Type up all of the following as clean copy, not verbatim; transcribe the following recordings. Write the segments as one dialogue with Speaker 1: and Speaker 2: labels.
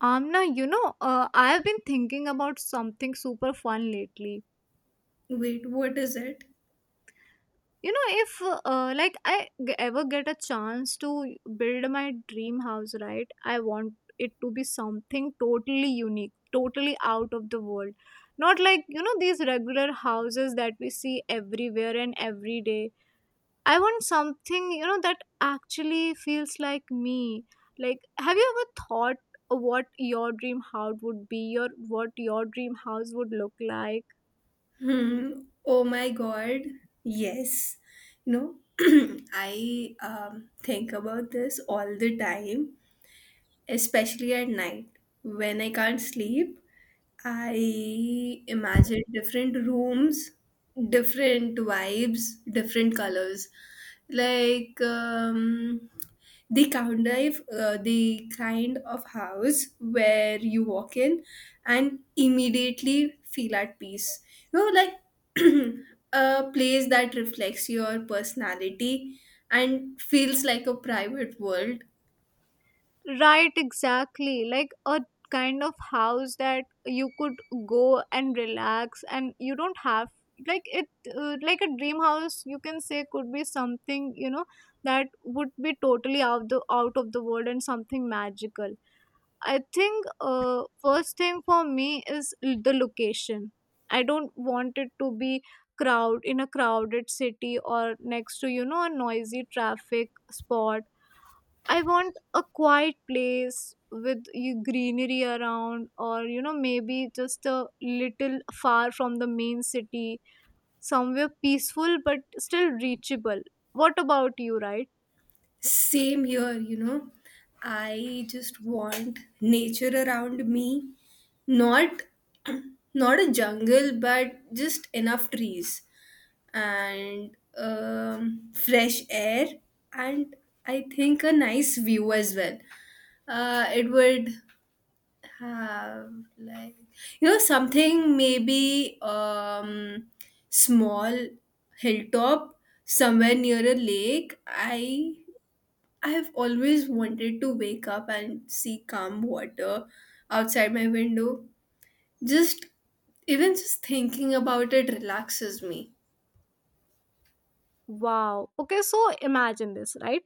Speaker 1: Amna, I have been thinking about something super fun lately.
Speaker 2: Wait, what is it?
Speaker 1: If ever get a chance to build my dream house, right? I want it to be something totally unique, totally out of the world. Not like these regular houses that we see everywhere and every day. I want something, that actually feels like me. Like, have you ever thought what your dream house would be, your what your dream house would look like?
Speaker 2: Hmm. Oh my God. Yes. You I think about this all the time. Especially at night when I can't sleep. I imagine different rooms, different vibes, different colors. Like, the kind of house where you walk in and immediately feel at peace. Like, a place that reflects your personality and feels like a private world.
Speaker 1: Right, exactly. Like a kind of house that you could go and relax, and you don't have like it like a dream house you can say could be something that would be totally out of the world and something magical. I think first thing for me is the location. I don't want it to be crowd in a crowded city or next to a noisy traffic spot. I want a quiet place with you greenery around, or maybe just a little far from the main city, somewhere peaceful but still reachable. What about you, right?
Speaker 2: Same, here, you know, I just want nature around me, not not a jungle, but just enough trees and fresh air, and I think a nice view as well. It would have like something maybe small hilltop somewhere near a lake. I have always wanted to wake up and see calm water outside my window. Just even just thinking about it relaxes me.
Speaker 1: Wow. Okay, so imagine this, right?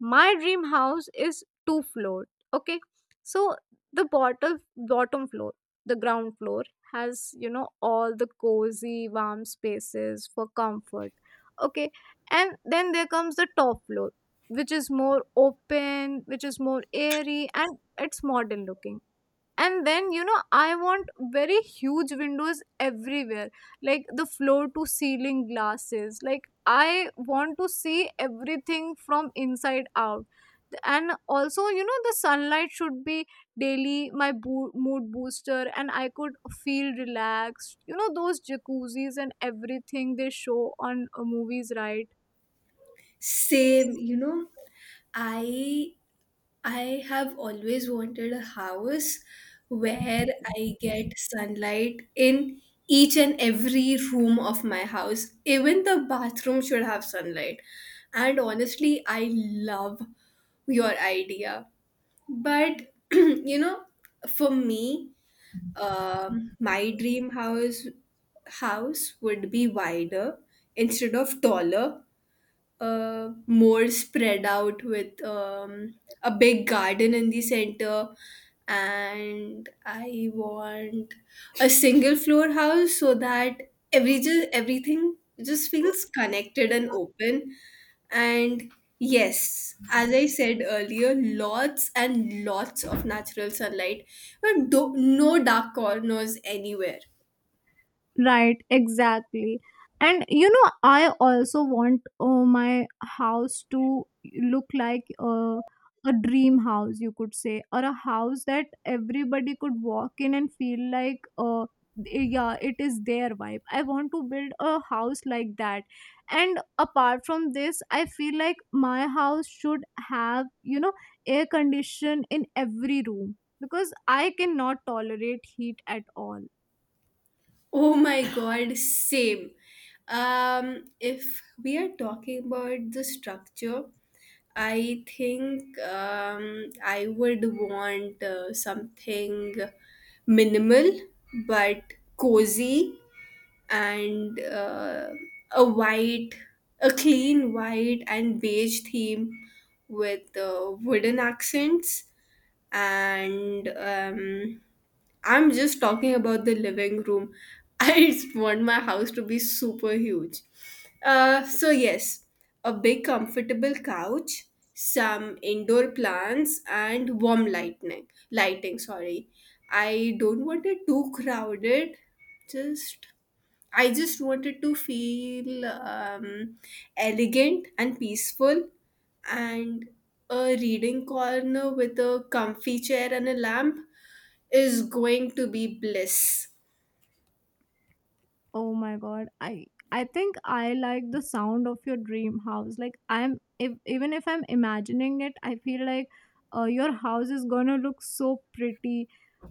Speaker 1: My dream house is two floor. Okay. So the bottom floor, the ground floor has, all the cozy, warm spaces for comfort. Okay. And then there comes the top floor, which is more open, which is more airy, and it's modern looking. And then I want very huge windows everywhere, like the floor to ceiling glasses. Like I want to see everything from inside out. And also, the sunlight should be daily my mood booster, and I could feel relaxed, you know, those jacuzzis and everything they show on movies, right?
Speaker 2: Same, I I have always wanted a house where I get sunlight in each and every room of my house. Even the bathroom should have sunlight. And honestly, I love your idea. But for me, my dream house would be wider instead of taller, more spread out with a big garden in the center. And I want a single floor house so that everything just feels connected and open, and yes, as I said earlier, lots and lots of natural sunlight, but no dark corners anywhere.
Speaker 1: Right, exactly. And you know, I also want my house to look like a dream house, you could say, or a house that everybody could walk in and feel like, yeah, it is their vibe. I want to build a house like that. And apart from this, I feel like my house should have, air condition in every room because I cannot tolerate heat at all.
Speaker 2: Oh my God, same. If we are talking about the structure, I think I would want something minimal but cozy, and a white, a clean white and beige theme with wooden accents, and I'm just talking about the living room. I just want my house to be super huge. So, yes, a big comfortable couch, some indoor plants, and warm lightning. Lighting, sorry. I don't want it too crowded. Just I just wanted to feel elegant and peaceful, and a reading corner with a comfy chair and a lamp is going to be bliss.
Speaker 1: Oh my god. I think I like the sound of your dream house. Like I'm if, even if I'm imagining it, I feel like your house is going to look so pretty.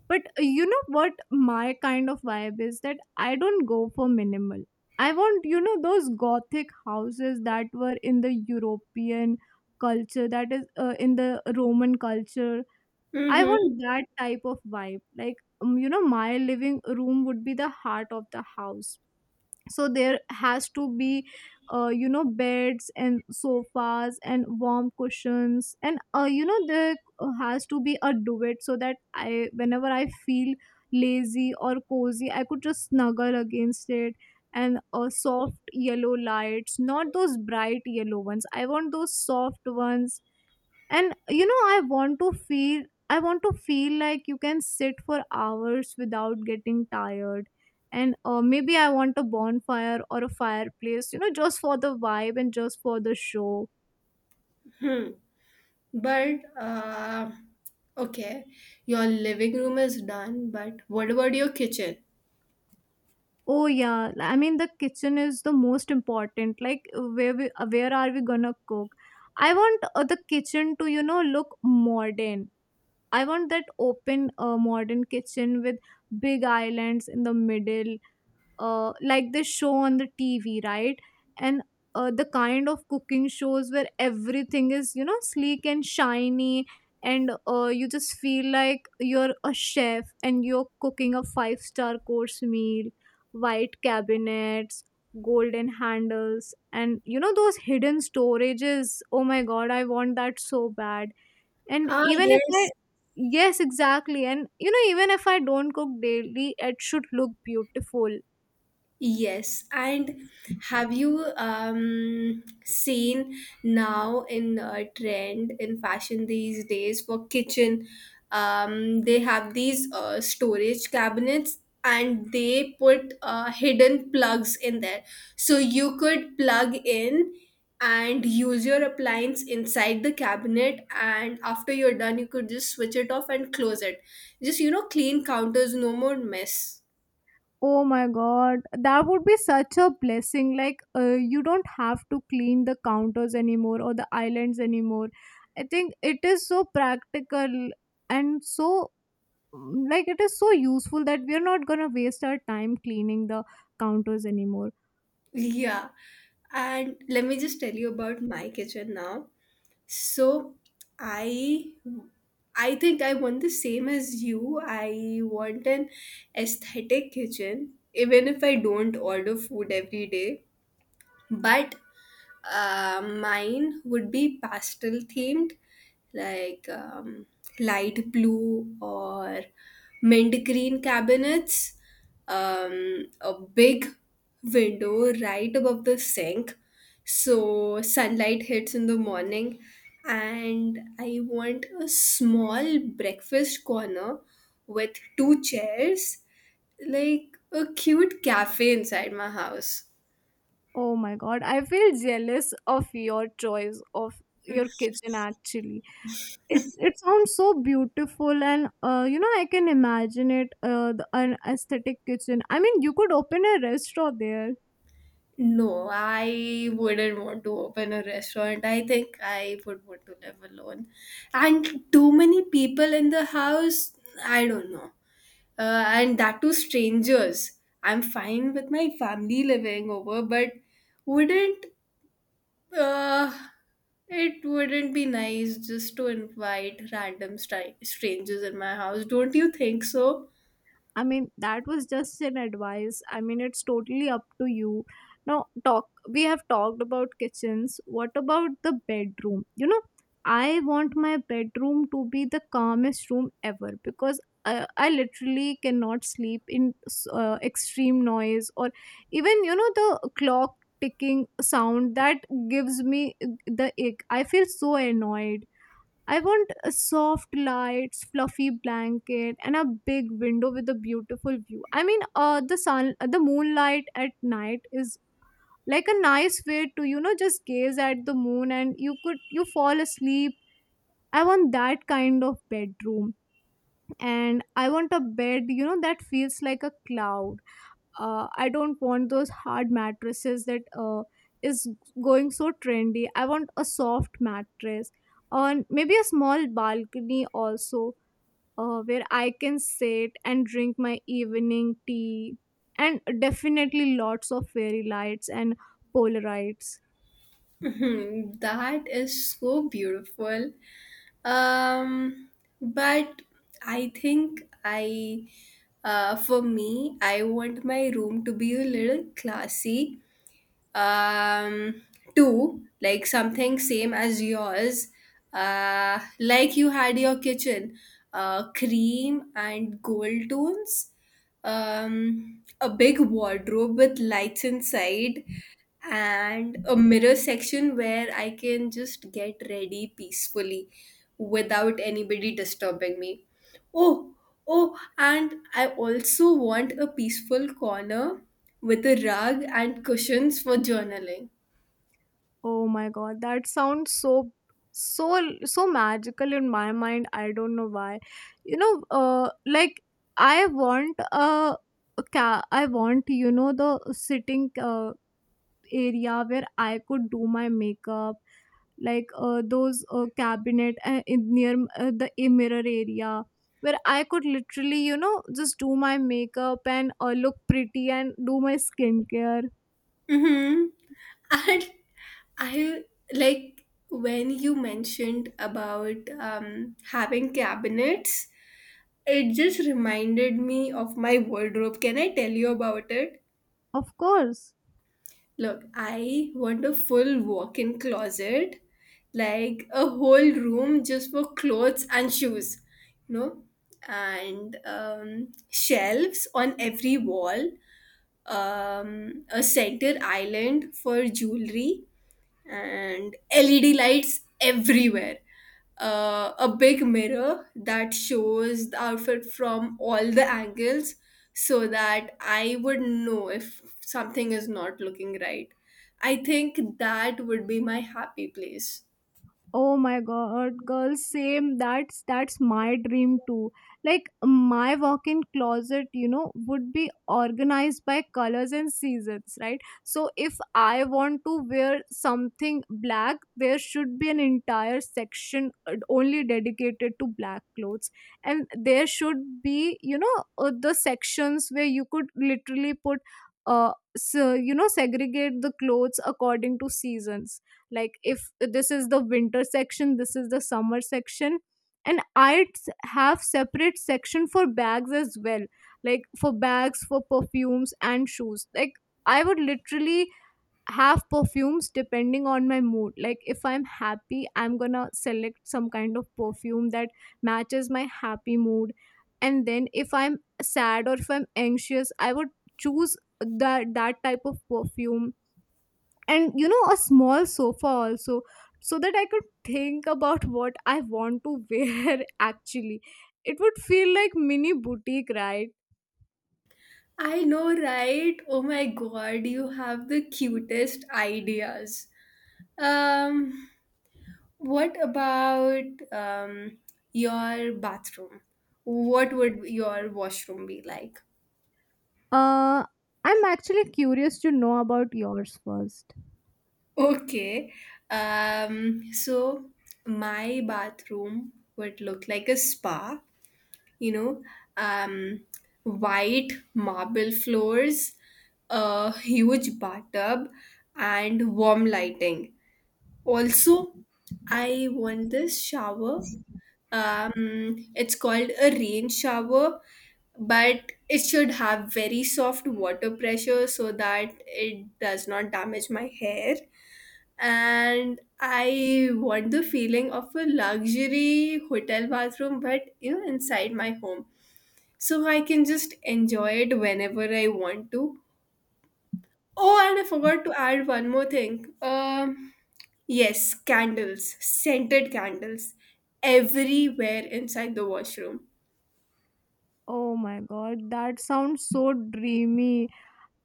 Speaker 1: But you know what my kind of vibe is? That I don't go for minimal. I want, you know, those gothic houses that were in the European culture, that is in the Roman culture. I
Speaker 2: Mm-hmm.
Speaker 1: want that type of vibe. Like you know, my living room would be the heart of the house, so there has to be you know, beds and sofas and warm cushions. And you know, there has to be a duvet so that I whenever I feel lazy or cozy, I could just snuggle against it. And soft yellow lights, not those bright yellow ones, I want those soft ones. And you know, I want to feel like you can sit for hours without getting tired. And maybe I want a bonfire or a fireplace, you know, just for the vibe and just for the show.
Speaker 2: Hmm. But okay, your living room is done, but what about your kitchen?
Speaker 1: Oh yeah, I mean the kitchen is the most important, like where are we gonna cook. I want the kitchen to, you know, look modern. I want that open modern kitchen with big islands in the middle, like this show on the TV, right? And the kind of cooking shows where everything is, you know, sleek and shiny, and you just feel like you're a chef and you're cooking a five-star course meal, white cabinets, golden handles, and you know, those hidden storages. Oh my god, I want that so bad. And
Speaker 2: Ah,
Speaker 1: even if I—
Speaker 2: yes,
Speaker 1: Yes, exactly. And you know, even if I don't cook daily, it should look beautiful.
Speaker 2: yes, and have you seen now in trend in fashion these days for kitchen? They have these storage cabinets and they put hidden plugs in there. So you could plug in and use your appliance inside the cabinet, and after you're done, you could just switch it off and close it. Just, clean counters, no more mess.
Speaker 1: Oh my god, that would be such a blessing. Like, you don't have to clean the counters anymore or the islands anymore. I think it is so practical and so, like, it is so useful that we are not gonna waste our time cleaning the counters anymore.
Speaker 2: Yeah. And let me just tell you about my kitchen now. So I I think I want the same as you. I want an aesthetic kitchen, even if I don't order food every day. But mine would be pastel themed, like light blue or mint green cabinets, a big window right above the sink so sunlight hits in the morning. And I want a small breakfast corner with two chairs, like a cute cafe inside my house.
Speaker 1: Oh my god, I feel jealous of your choice of your kitchen actually. It's, it sounds so beautiful, and you know, I can imagine it. An aesthetic kitchen, I mean, you could open a restaurant there.
Speaker 2: No, I wouldn't want to open a restaurant. I think I would want to live alone. And too many people in the house, I don't know. And that too, strangers. I'm fine with my family living over, but wouldn't uh, it wouldn't be nice just to invite random strangers in my house? Don't you think so?
Speaker 1: I mean, that was just an advice. I mean, it's totally up to you. Now, talk. We have talked about kitchens. What about the bedroom? You know, I want my bedroom to be the calmest room ever because I literally cannot sleep in extreme noise, or even you know, the clock ticking sound, that gives me the ick. I feel so annoyed. I want soft lights, fluffy blanket, and a big window with a beautiful view. I mean, the moonlight at night is like a nice way to, you know, just gaze at the moon, and you could you fall asleep. I want that kind of bedroom, and I want a bed, you know, that feels like a cloud. I don't want those hard mattresses that is going so trendy. I want a soft mattress on maybe a small balcony also, where I can sit and drink my evening tea, and definitely lots of fairy lights and polarites.
Speaker 2: Mhm, that is so beautiful. Um, but I think for me, I want my room to be a little classy. Um, too, like something same as yours. Like you had your kitchen, cream and gold tones. A big wardrobe with lights inside and a mirror section where I can just get ready peacefully without anybody disturbing me. Oh, oh, and I also want a peaceful corner with a rug and cushions for journaling.
Speaker 1: Oh my god, that sounds so so so magical in my mind. I don't know why. You know, like I want a ca- I want you know the sitting area where I could do my makeup, like those cabinet in near the a mirror area where I could literally you know just do my makeup and look pretty and do my skincare.
Speaker 2: Mm-hmm. And I like when you mentioned about having cabinets, it just reminded me of my wardrobe. Can I tell you about it?
Speaker 1: Of course.
Speaker 2: Look, I want a full walk in closet, like a whole room just for clothes and shoes, you know, and shelves on every wall, a center island for jewelry, and LED lights everywhere. A big mirror that shows the outfit from all the angles so that I would know if something is not looking right. I think that would be my happy place.
Speaker 1: Oh my god, girl, same. That's my dream too. Like my walk-in closet, you know, would be organized by colors and seasons, right? So if I want to wear something black, there should be an entire section only dedicated to black clothes, and there should be, you know, the sections where you could literally put, so, you know, segregate the clothes according to seasons like if this is the winter section this is the summer section and I have separate section for bags as well like for bags for perfumes and shoes like I would literally have perfumes depending on my mood like if I'm happy I'm gonna select some kind of perfume that matches my happy mood and then if I'm sad or if I'm anxious I would choose that that type of perfume and you know a small sofa also so that I could think about what I want to wear actually it would feel like mini boutique right
Speaker 2: I know, right? Oh my God, you have the cutest ideas. Um, what about um, your bathroom? What would your washroom be like?
Speaker 1: uh I'm actually curious to know about yours first
Speaker 2: Okay. So, my bathroom would look like a spa, you know, um, white marble floors, a huge bathtub, and warm lighting. Also, I want this shower. It's called a rain shower, but it should have very soft water pressure so that it does not damage my hair, and I want the feeling of a luxury hotel bathroom, but inside my home. So I can just enjoy it whenever I want to. Oh, and I forgot to add one more thing. Yes, candles, scented candles everywhere inside the washroom.
Speaker 1: oh my god that sounds so dreamy.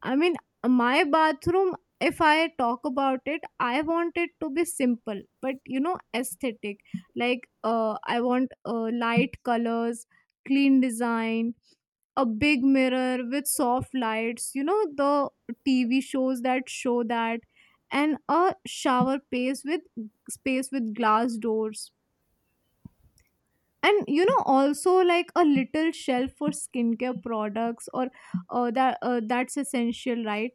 Speaker 1: I mean, my bathroom, if I talk about it, I want it to be simple, but you know, aesthetic. Like, I want light colors, clean design, a big mirror with soft lights, you know, the TV shows that show that, and a shower space with glass doors. And you know, also like a little shelf for skincare products, or that's essential, right?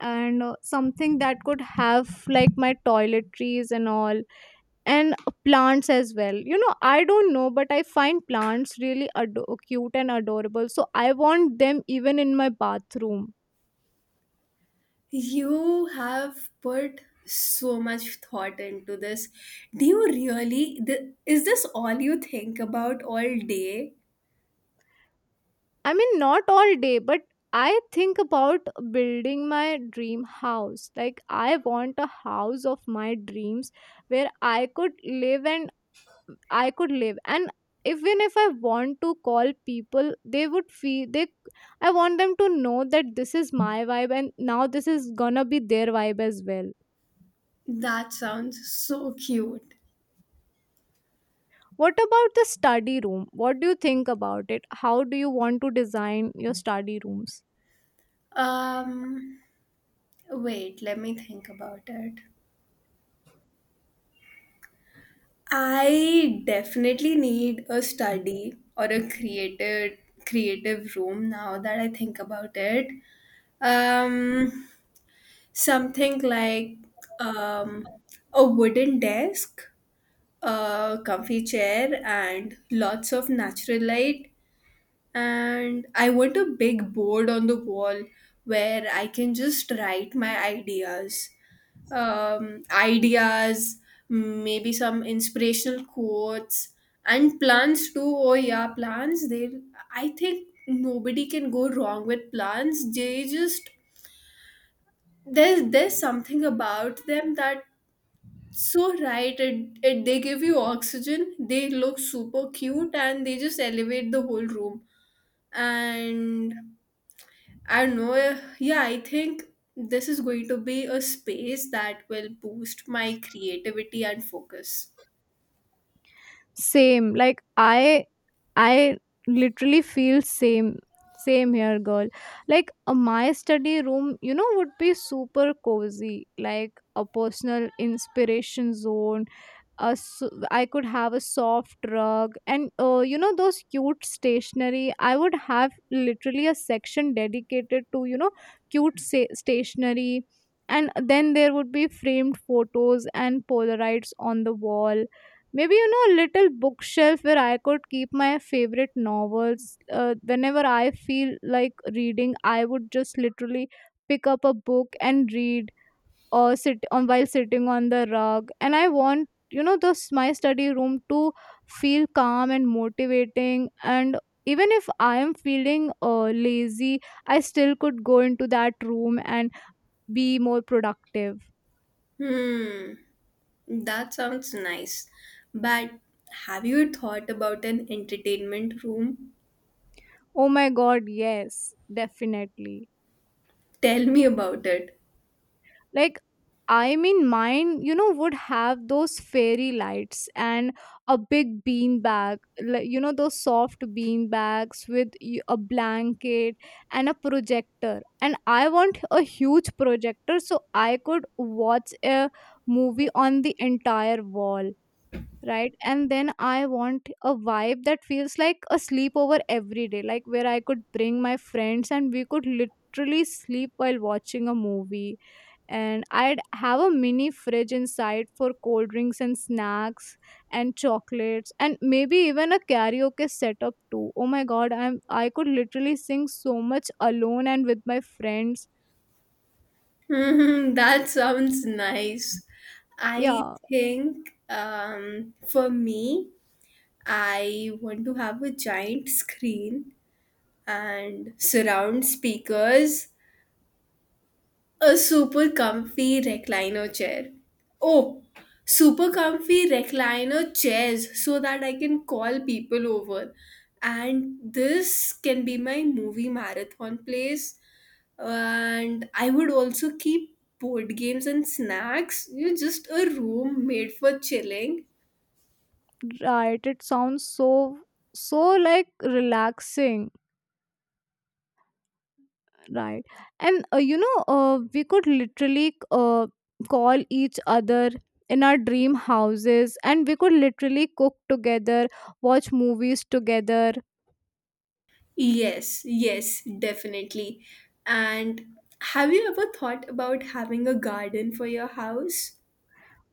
Speaker 1: And something that could have like my toiletries and all. And plants as well, you know, I don't know, but I find plants really cute and adorable, so I want them even in my bathroom.
Speaker 2: You have put so much thought into this. Do you really? Is this all you think about all day?
Speaker 1: I mean, not all day, but I think about building my dream house. Like I want a house of my dreams where I could live and I could live. And even if I want to call people, they would feel they. I want them to know that this is my vibe, and now this is gonna be their vibe as well.
Speaker 2: That sounds so cute.
Speaker 1: What about the study room? What do you think about it? How do you want to design your study rooms?
Speaker 2: Um, wait, let me think about it. I definitely need a study or a creative room now that I think about it. Um, something like um, a wooden desk, a comfy chair, and lots of natural light. And I want a big board on the wall where I can just write my ideas. Ideas, maybe some inspirational quotes, and plants too. Oh, yeah, plants. I think nobody can go wrong with plants. There's something about them that so right, it they give you oxygen, they look super cute, and they just elevate the whole room. And I don't know. Yeah, I think this is going to be a space that will boost my creativity and focus.
Speaker 1: Same, like I literally feel same, same here, girl. Like my study room, you know, would be super cozy, like a personal inspiration zone. a s- I could have a soft rug, and you know those cute stationery. I would have literally a section dedicated to, you know, cute stationery, and then there would be framed photos and Polaroids on the wall. Maybe you know a little bookshelf where I could keep my favorite novels. Whenever I feel like reading, I would just literally pick up a book and read or sitting on the rug. And I want, you know, this my study room to feel calm and motivating. And even if I am feeling lazy, I still could go into that room and be more productive.
Speaker 2: Hmm, that sounds nice. But have you thought about an entertainment room?
Speaker 1: Oh my god, yes, definitely.
Speaker 2: Tell me about it.
Speaker 1: Like I mean, mine, you know, would have those fairy lights and a big bean bag, like you know those soft bean bags with a blanket and a projector. And I want a huge projector so I could watch a movie on the entire wall, right? And then I want a vibe that feels like a sleepover every day, like where I could bring my friends and we could literally sleep while watching a movie. And I'd have a mini fridge inside for cold drinks and snacks and chocolates and maybe even a karaoke setup too. Oh my god, I could literally sing so much alone and with my friends.
Speaker 2: Hmm. That sounds nice. I
Speaker 1: Yeah,
Speaker 2: think for me, I want to have a giant screen and surround speakers. A super comfy recliner chair. Oh, super comfy recliner chairs so that I can call people over. And this can be my movie marathon place. And I would also keep board games and snacks. Just a room made for chilling.
Speaker 1: right. It sounds so so like relaxing, right? And you know, we could literally call each other in our dream houses and we could literally cook together, watch movies together.
Speaker 2: Yes, yes, definitely. And have you ever thought about having a garden for your house?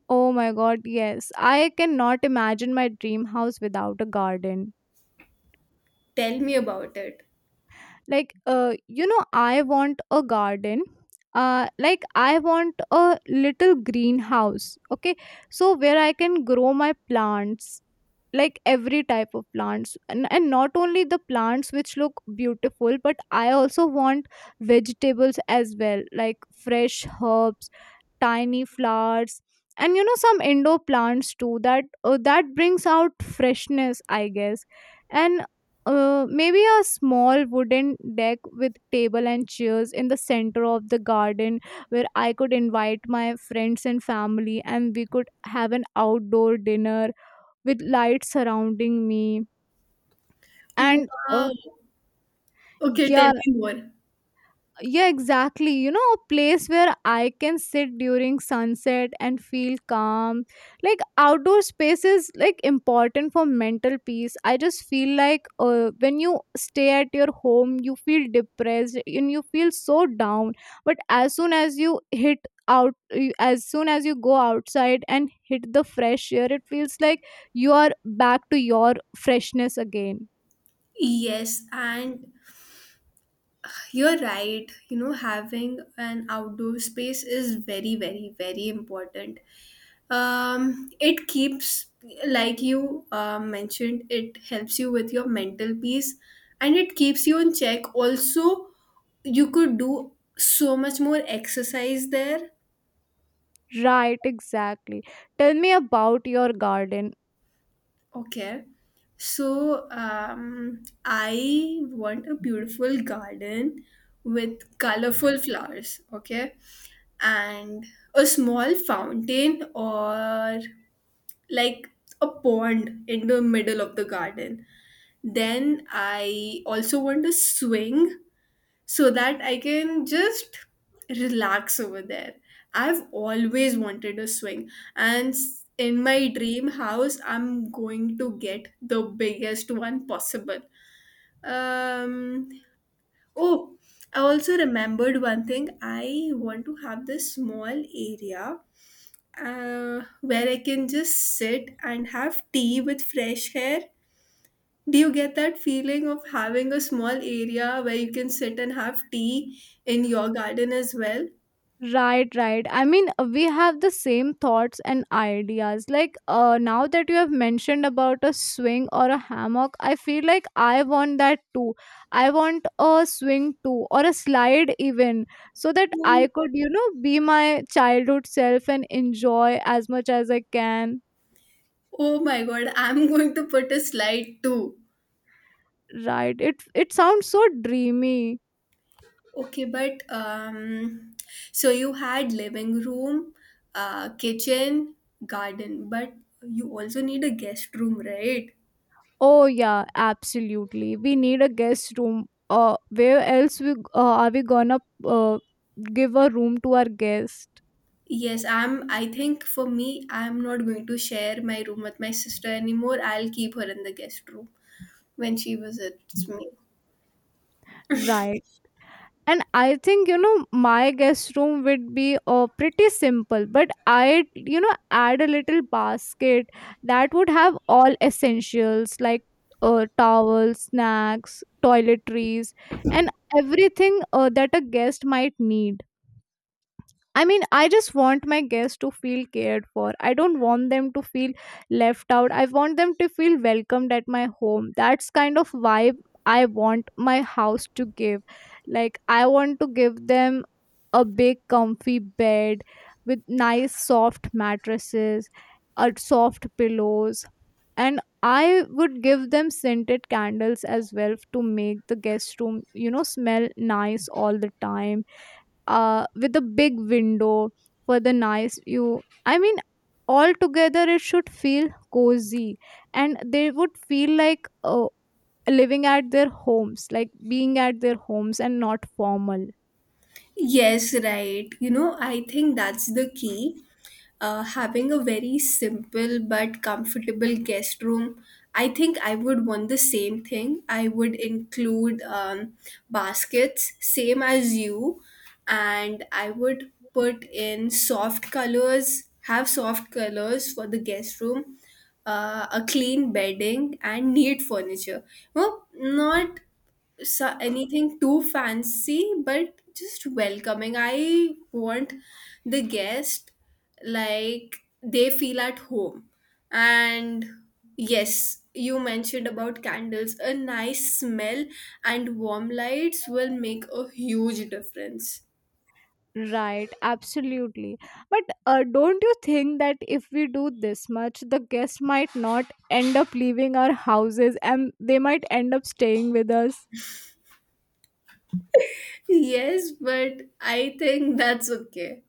Speaker 1: Oh my god, yes. I cannot imagine my dream house without a garden.
Speaker 2: Tell me about it.
Speaker 1: Like you know, I want a garden. Like I want a little greenhouse, okay? So where I can grow my plants, like every type of plants. And not only the plants which look beautiful, but I also want vegetables as well, like fresh herbs, tiny flowers, and you know some indoor plants too that that brings out freshness, I guess. And maybe a small wooden deck with table and chairs in the center of the garden, where I could invite my friends and family and we could have an outdoor dinner with lights surrounding me. And
Speaker 2: Wow. Okay, tell
Speaker 1: yeah,
Speaker 2: me more.
Speaker 1: yeah, exactly, you know, a place where I can sit during sunset and feel calm. Like outdoor space is like important for mental peace. I just feel like when you stay at your home, you feel depressed and you feel so down. But as soon as you hit as soon as you go outside and hit the fresh air, it feels like you are back to your freshness again.
Speaker 2: Yes, and you're right. Having an outdoor space is very, very, very important. It keeps, like you mentioned, it helps you with your mental peace and it keeps you in check. Also, you could do so much more exercise there.
Speaker 1: Right, exactly. Tell me about your garden.
Speaker 2: Okay. So, I want a beautiful garden with colorful flowers, okay? And a small fountain or like a pond in the middle of the garden. Then I also want a swing so that I can just relax over there. I've always wanted a swing, and in my dream house, I'm going to get the biggest one possible. Um, oh, I also remembered one thing. I want to have this small area where I can just sit and have tea with fresh air. Do you get that feeling of having a small area where you can sit and have tea in your garden as well?
Speaker 1: Right, right. I mean, we have the same thoughts and ideas. Like, now that you have mentioned about a swing or a hammock, I feel like I want that too. I want a swing too, or a slide even, so that I
Speaker 2: Oh
Speaker 1: could, you know, be my childhood self and enjoy as much as I can.
Speaker 2: oh my God, I'm going to put a slide too.
Speaker 1: Right. It sounds so dreamy.
Speaker 2: Okay, but so you had living room, kitchen, garden, but you also need a guest room, right?
Speaker 1: Oh yeah, absolutely. We need a guest room. Where else we are we gonna uh, give a room to our guest?
Speaker 2: Yes, I'm. I think for me, I'm not going to share my room with my sister anymore. I'll keep her in the guest room when she visits me.
Speaker 1: Right. And I think, you know, my guest room would be pretty simple, but I'd, you know, add a little basket that would have all essentials like towels, snacks, toiletries, and everything that a guest might need. I mean, I just want my guests to feel cared for. I don't want them to feel left out. I want them to feel welcomed at my home. That's kind of vibe I want my house to give. Like, I want to give them a big, comfy bed with nice, soft mattresses, soft pillows. And I would give them scented candles as well to make the guest room, you know, smell nice all the time, with a big window for the nice view. I mean, altogether it should feel cozy and they would feel like living at their homes, like being at their homes and not formal.
Speaker 2: Yes, right. I think that's the key. Having a very simple but comfortable guest room. I think I would want the same thing. I would include baskets, same as you, and I would put in soft colors, have soft colors for the guest room, a clean bedding, and neat furniture. Well, not so anything too fancy, but just welcoming. I want the guest, like, they feel at home. And yes, you mentioned about candles, a nice smell and warm lights will make a huge difference.
Speaker 1: Right, absolutely. But don't you think that if we do this much, the guests might not end up leaving our houses and they might end up staying with us?
Speaker 2: Yes, but I think that's okay.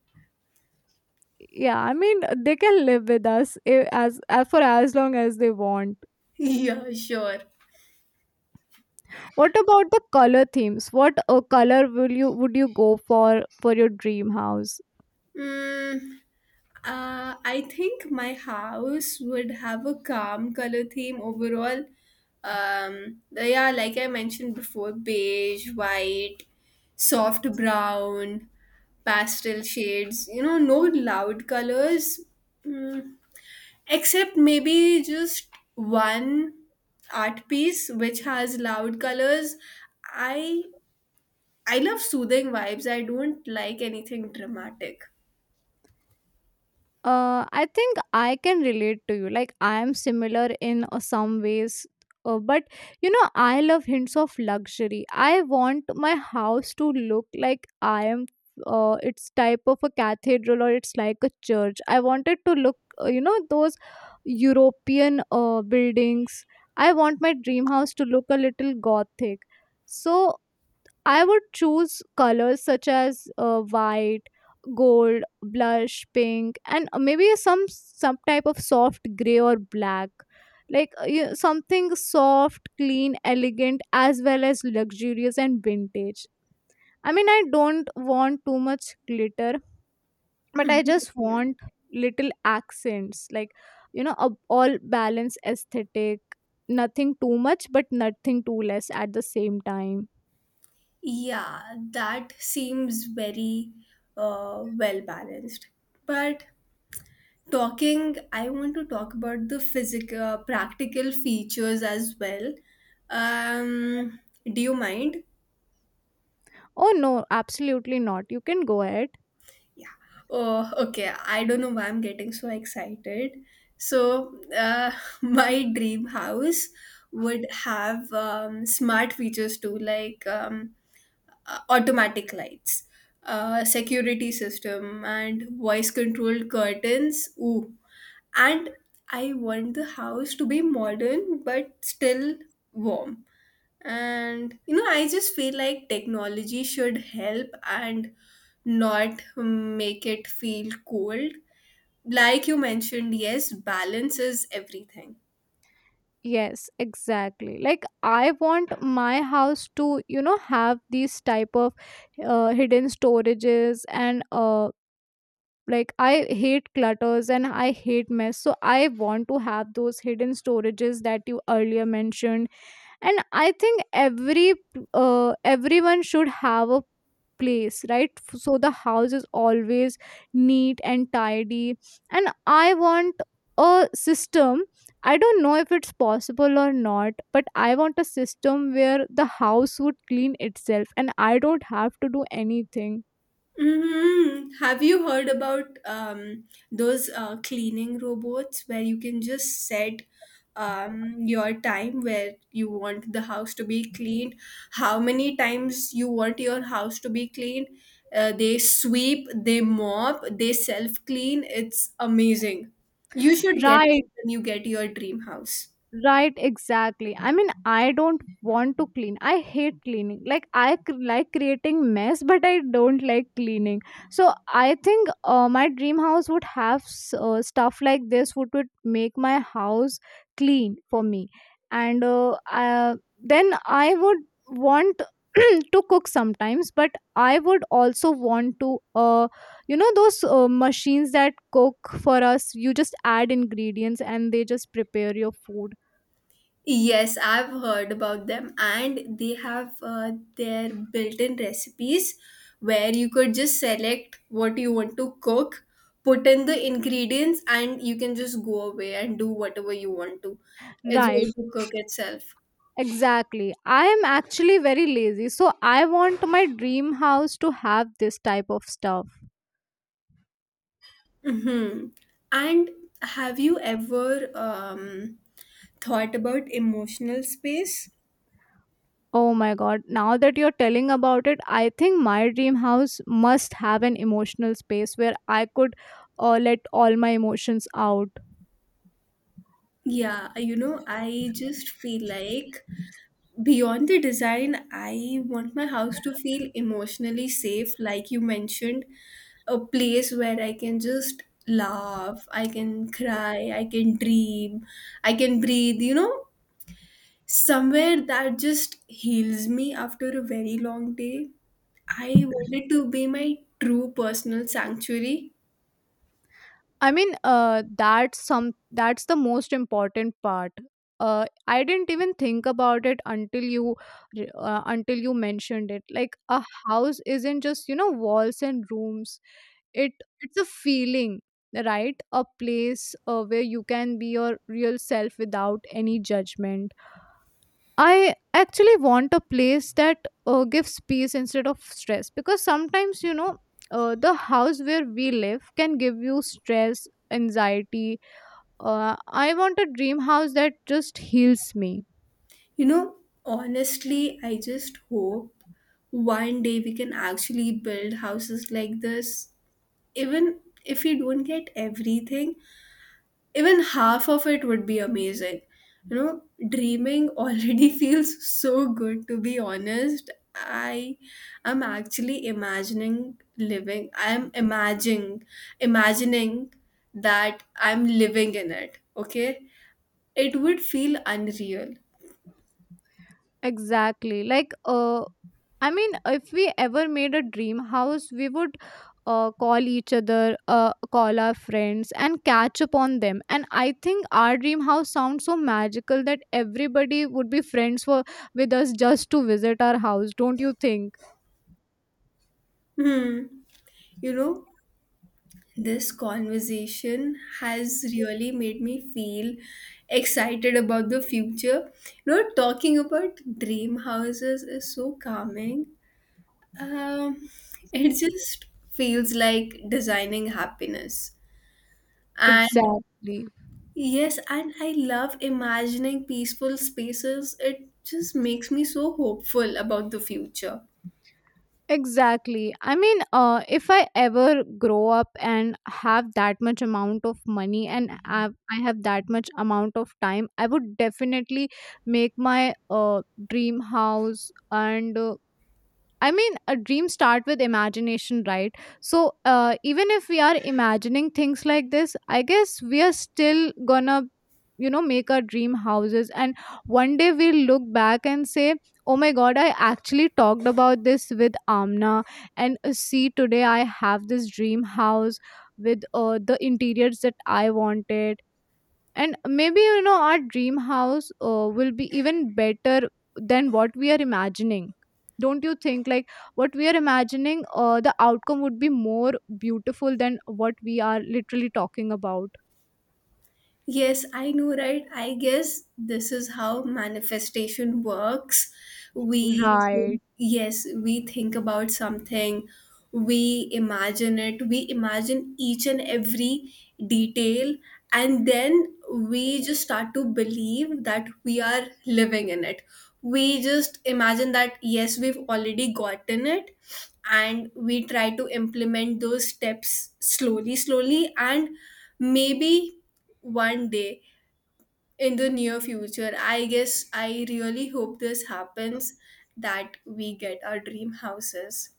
Speaker 1: Yeah, I mean, they can live with us as for as long as they want.
Speaker 2: Yeah, sure.
Speaker 1: What about the color themes? What color will you would you go for your dream house?
Speaker 2: mm, I think my house would have a calm color theme overall. Yeah, like I mentioned before, beige, white, soft brown, pastel shades. No loud colors, mm, except maybe just one art piece which has loud colors. I I love soothing vibes. I don't like anything dramatic.
Speaker 1: I think I can relate to you. Like I am similar in some ways, but you know I love hints of luxury. I want my house to look like I am. It's type of a cathedral or it's like a church. I want it to look, you know, those European buildings. I want my dream house to look a little gothic. So I would choose colors such as white, gold, blush, pink, and maybe some type of soft gray or black. Like something soft, clean, elegant, as well as luxurious and vintage. I mean, I don't want too much glitter, but I just
Speaker 2: Mhm.
Speaker 1: want little accents, like you know, a all balance aesthetic. Nothing too much, but nothing too less at the same time.
Speaker 2: Yeah, that seems very well balanced. But I want to talk about the physical, practical features as well. Um, do you mind?
Speaker 1: Oh no, absolutely not. You can go ahead.
Speaker 2: Yeah. Oh, okay. I don't know why I'm getting so excited. So, my dream house would have smart features too, like automatic lights, security system, and voice controlled curtains. Ooh, and I want the house to be modern but still warm. And you know, I just feel like technology should help and not make it feel cold. Like you mentioned, yes, balance is everything.
Speaker 1: Yes, exactly. Like I want my house to, you know, have these type of hidden storages and like I hate clutters and I hate mess. So I want to have those hidden storages that you earlier mentioned. And I think every everyone should have a place, right? So the house is always neat and tidy. And I want a system, I don't know if it's possible or not, but I want a system where the house would clean itself and I don't have to do anything.
Speaker 2: Hmm. Have you heard about those cleaning robots where you can just set your time where you want the house to be cleaned, how many times you want your house to be cleaned? They sweep, they mop, they self clean. It's amazing. You should get
Speaker 1: Right.
Speaker 2: it when you get your dream house.
Speaker 1: Right, exactly. I mean, I don't want to clean. I hate cleaning. Like like creating mess, but I don't like cleaning. So I think my dream house would have stuff like this, would make my house clean for me. And then I would want to cook sometimes, but I would also want to, you know, those machines that cook for us. You just add ingredients and they just prepare your food.
Speaker 2: Yes, I've heard about them, and they have their built in recipes where you could just select what you want to cook, put in the ingredients, and you can just go away and do whatever you want to. It's
Speaker 1: Right,
Speaker 2: going to cook itself.
Speaker 1: exactly. I am actually very lazy, so I want my dream house to have this type of stuff.
Speaker 2: Hmm. And have you ever thought about emotional space?
Speaker 1: Oh my god, now that you're telling about it, I think my dream house must have an emotional space where I could let all my emotions out.
Speaker 2: Yeah, you know, I just feel like beyond the design, I want my house to feel emotionally safe, like you mentioned, a place where I can just laugh, I can cry, I can dream, I can breathe, you know, somewhere that just heals me after a very long day. I wanted to be my true personal sanctuary.
Speaker 1: I mean, that's some that's the most important part. I didn't even think about it until until you mentioned it. Like a house isn't just you know walls and rooms. It it's a feeling, right? A place where you can be your real self without any judgment. I actually want a place that gives peace instead of stress, because sometimes, you know, the house where we live can give you stress, anxiety. I want a dream house that just heals me.
Speaker 2: You know, honestly, I just hope one day we can actually build houses like this, even if you don't get everything, even half of it would be amazing. You know, dreaming already feels so good, to be honest. I am actually imagining living, I'm imagining, imagining that I'm living in it, okay? It would feel unreal.
Speaker 1: Exactly. Like, I mean, if we ever made a dream house, we would call each other, call our friends, and catch up on them. And I think our dream house sounds so magical that everybody would be friends for with us just to visit our house. Don't you think?
Speaker 2: Hmm. You know, this conversation has really made me feel excited about the future. You know, talking about dream houses is so calming. Um, it just feels like designing happiness. And
Speaker 1: Exactly.
Speaker 2: yes, and I love imagining peaceful spaces. It just makes me so hopeful about the future.
Speaker 1: Exactly. I mean, if I ever grow up and have that much amount of money and have, I have that much amount of time, I would definitely make my dream house. And I mean, a dream start with imagination, right? So even if we are imagining things like this, I guess we are still gonna, you know, make our dream houses. And one day we'll look back and say, "Oh my God, I actually talked about this with Amna, and see, today I have this dream house with the interiors that I wanted." And maybe you know our dream house will be even better than what we are imagining. Don't you think? Like what we are imagining, the outcome would be more beautiful than what we are literally talking about.
Speaker 2: Yes, I know, right? I guess this is how manifestation works. We
Speaker 1: Right.
Speaker 2: think, yes, we think about something, we imagine it, we imagine each and every detail, and then we just start to believe that we are living in it. We just imagine that, yes, we've already gotten it, and we try to implement those steps slowly, slowly, and maybe one day in the near future, I guess I really hope this happens, that we get our dream houses.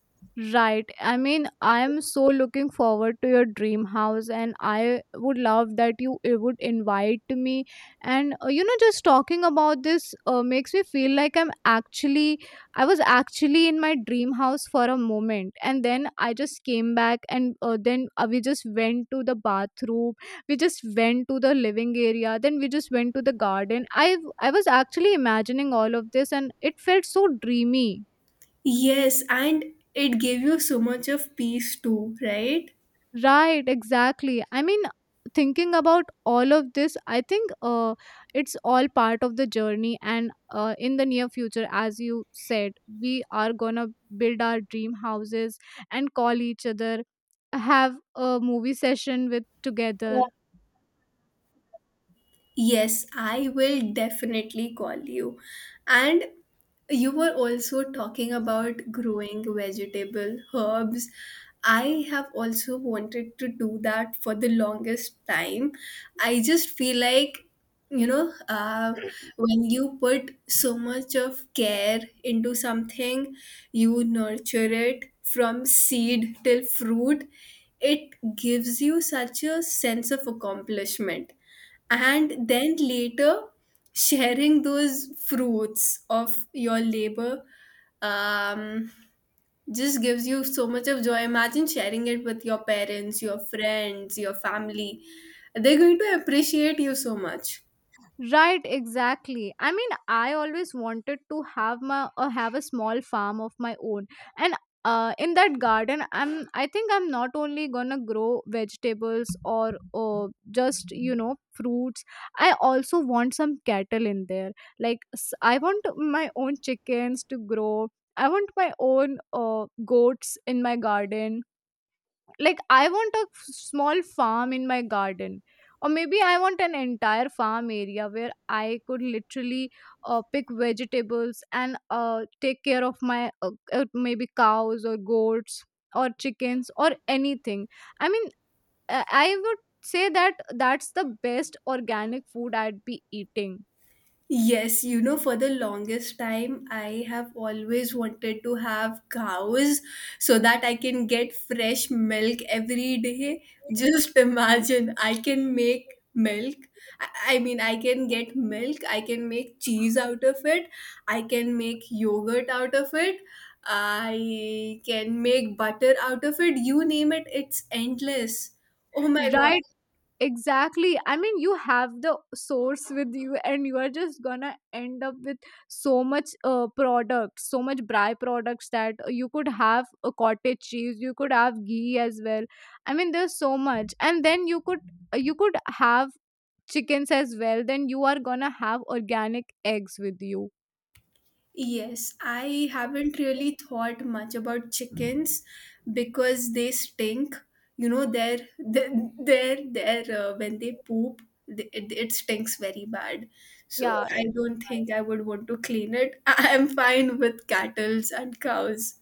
Speaker 1: Right. I mean, I am so looking forward to your dream house, and I would love that you would invite me. And you know, just talking about this makes me feel like I'm actually, I was actually in my dream house for a moment, and then I just came back, and then we just went to the bathroom, we just went to the living area, then we just went to the garden. I was actually imagining all of this, and it felt so dreamy.
Speaker 2: Yes, and it gave you so much of peace too, right?
Speaker 1: Right, exactly. I mean, thinking about all of this, I think it's all part of the journey. And in the near future, as you said, we are gonna build our dream houses and call each other, have a movie session with together.
Speaker 2: Yes, I will definitely call you. And you were also talking about growing vegetable herbs. I have also wanted to do that for the longest time. I just feel like, you know, when you put so much of care into something, you nurture it from seed till fruit, it gives you such a sense of accomplishment, and then later sharing those fruits of your labor um, just gives you so much of joy. Imagine sharing it with your parents, your friends, your family. They're going to appreciate you so much.
Speaker 1: Right, exactly. I mean, I always wanted to have my or have a small farm of my own, and in that garden, I think I'm not only gonna grow vegetables or just you know fruits. I also want some cattle in there. Like I want my own chickens to grow. I want my own goats in my garden, like I want a small farm in my garden. Or maybe I want an entire farm area where I could literally pick vegetables and take care of my maybe cows or goats or chickens or anything. I mean, I would say that that's the best organic food I'd be eating,
Speaker 2: Yes, you know, for the longest time, I have always wanted to have cows so that I can get fresh milk every day. Just imagine, I can make milk. I mean, I can get milk, I can make cheese out of it, I can make yogurt out of it, I can make butter out of it. You name it, it's endless. Oh my
Speaker 1: right?
Speaker 2: god.
Speaker 1: Exactly. I mean, you have the source with you, and you are just gonna end up with so much products, so much byproducts, that you could have a cottage cheese, you could have ghee as well. I mean, there's so much, and then you could have chickens as well. Then you are gonna have organic eggs with you.
Speaker 2: Yes, I haven't really thought much about chickens because they stink. You know, their when they poop, it, it stinks very bad. So
Speaker 1: Yeah,
Speaker 2: I don't think I would want to clean it. I'm fine with cattles and cows.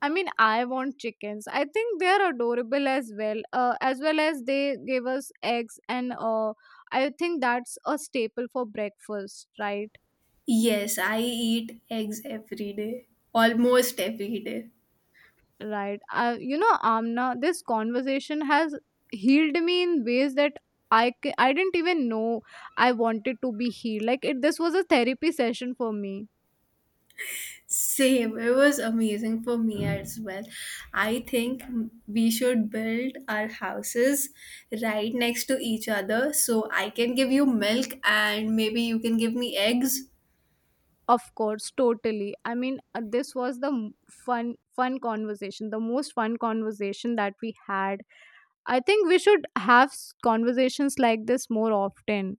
Speaker 1: I mean, I want chickens. I think they're adorable as well. As well as they gave us eggs, and I think that's a staple for breakfast, right?
Speaker 2: Yes, I eat eggs every day, almost every day.
Speaker 1: Right. You know, Amna, this conversation has healed me in ways that I didn't even know I wanted to be healed. Like it, this was a therapy session for me.
Speaker 2: Same. It was amazing for me as well. I think we should build our houses right next to each other so I can give you milk and maybe you can give me eggs.
Speaker 1: Of course, totally. I mean, this was the fun conversation, the most fun conversation that we had. I think we should have conversations like this more often.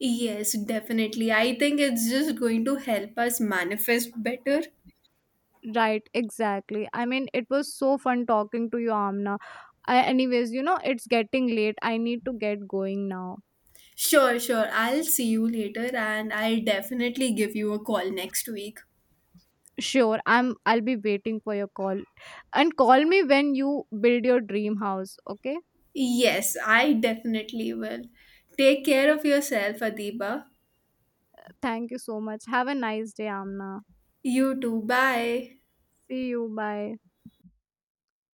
Speaker 2: Yes, definitely. I think it's just going to help us manifest better.
Speaker 1: Right, exactly. I mean, it was so fun talking to you, Amna. I, anyways, you know, it's getting late. I need to get going now.
Speaker 2: Sure, sure. I'll see you later and I'll definitely give you a call next week.
Speaker 1: Sure, I'll be waiting for your call. And call me when you build your dream house, okay?
Speaker 2: Yes, I definitely will. Take care of yourself, Adiba.
Speaker 1: Thank you so much. Have a nice day, Amna.
Speaker 2: You too. Bye.
Speaker 1: See you. Bye.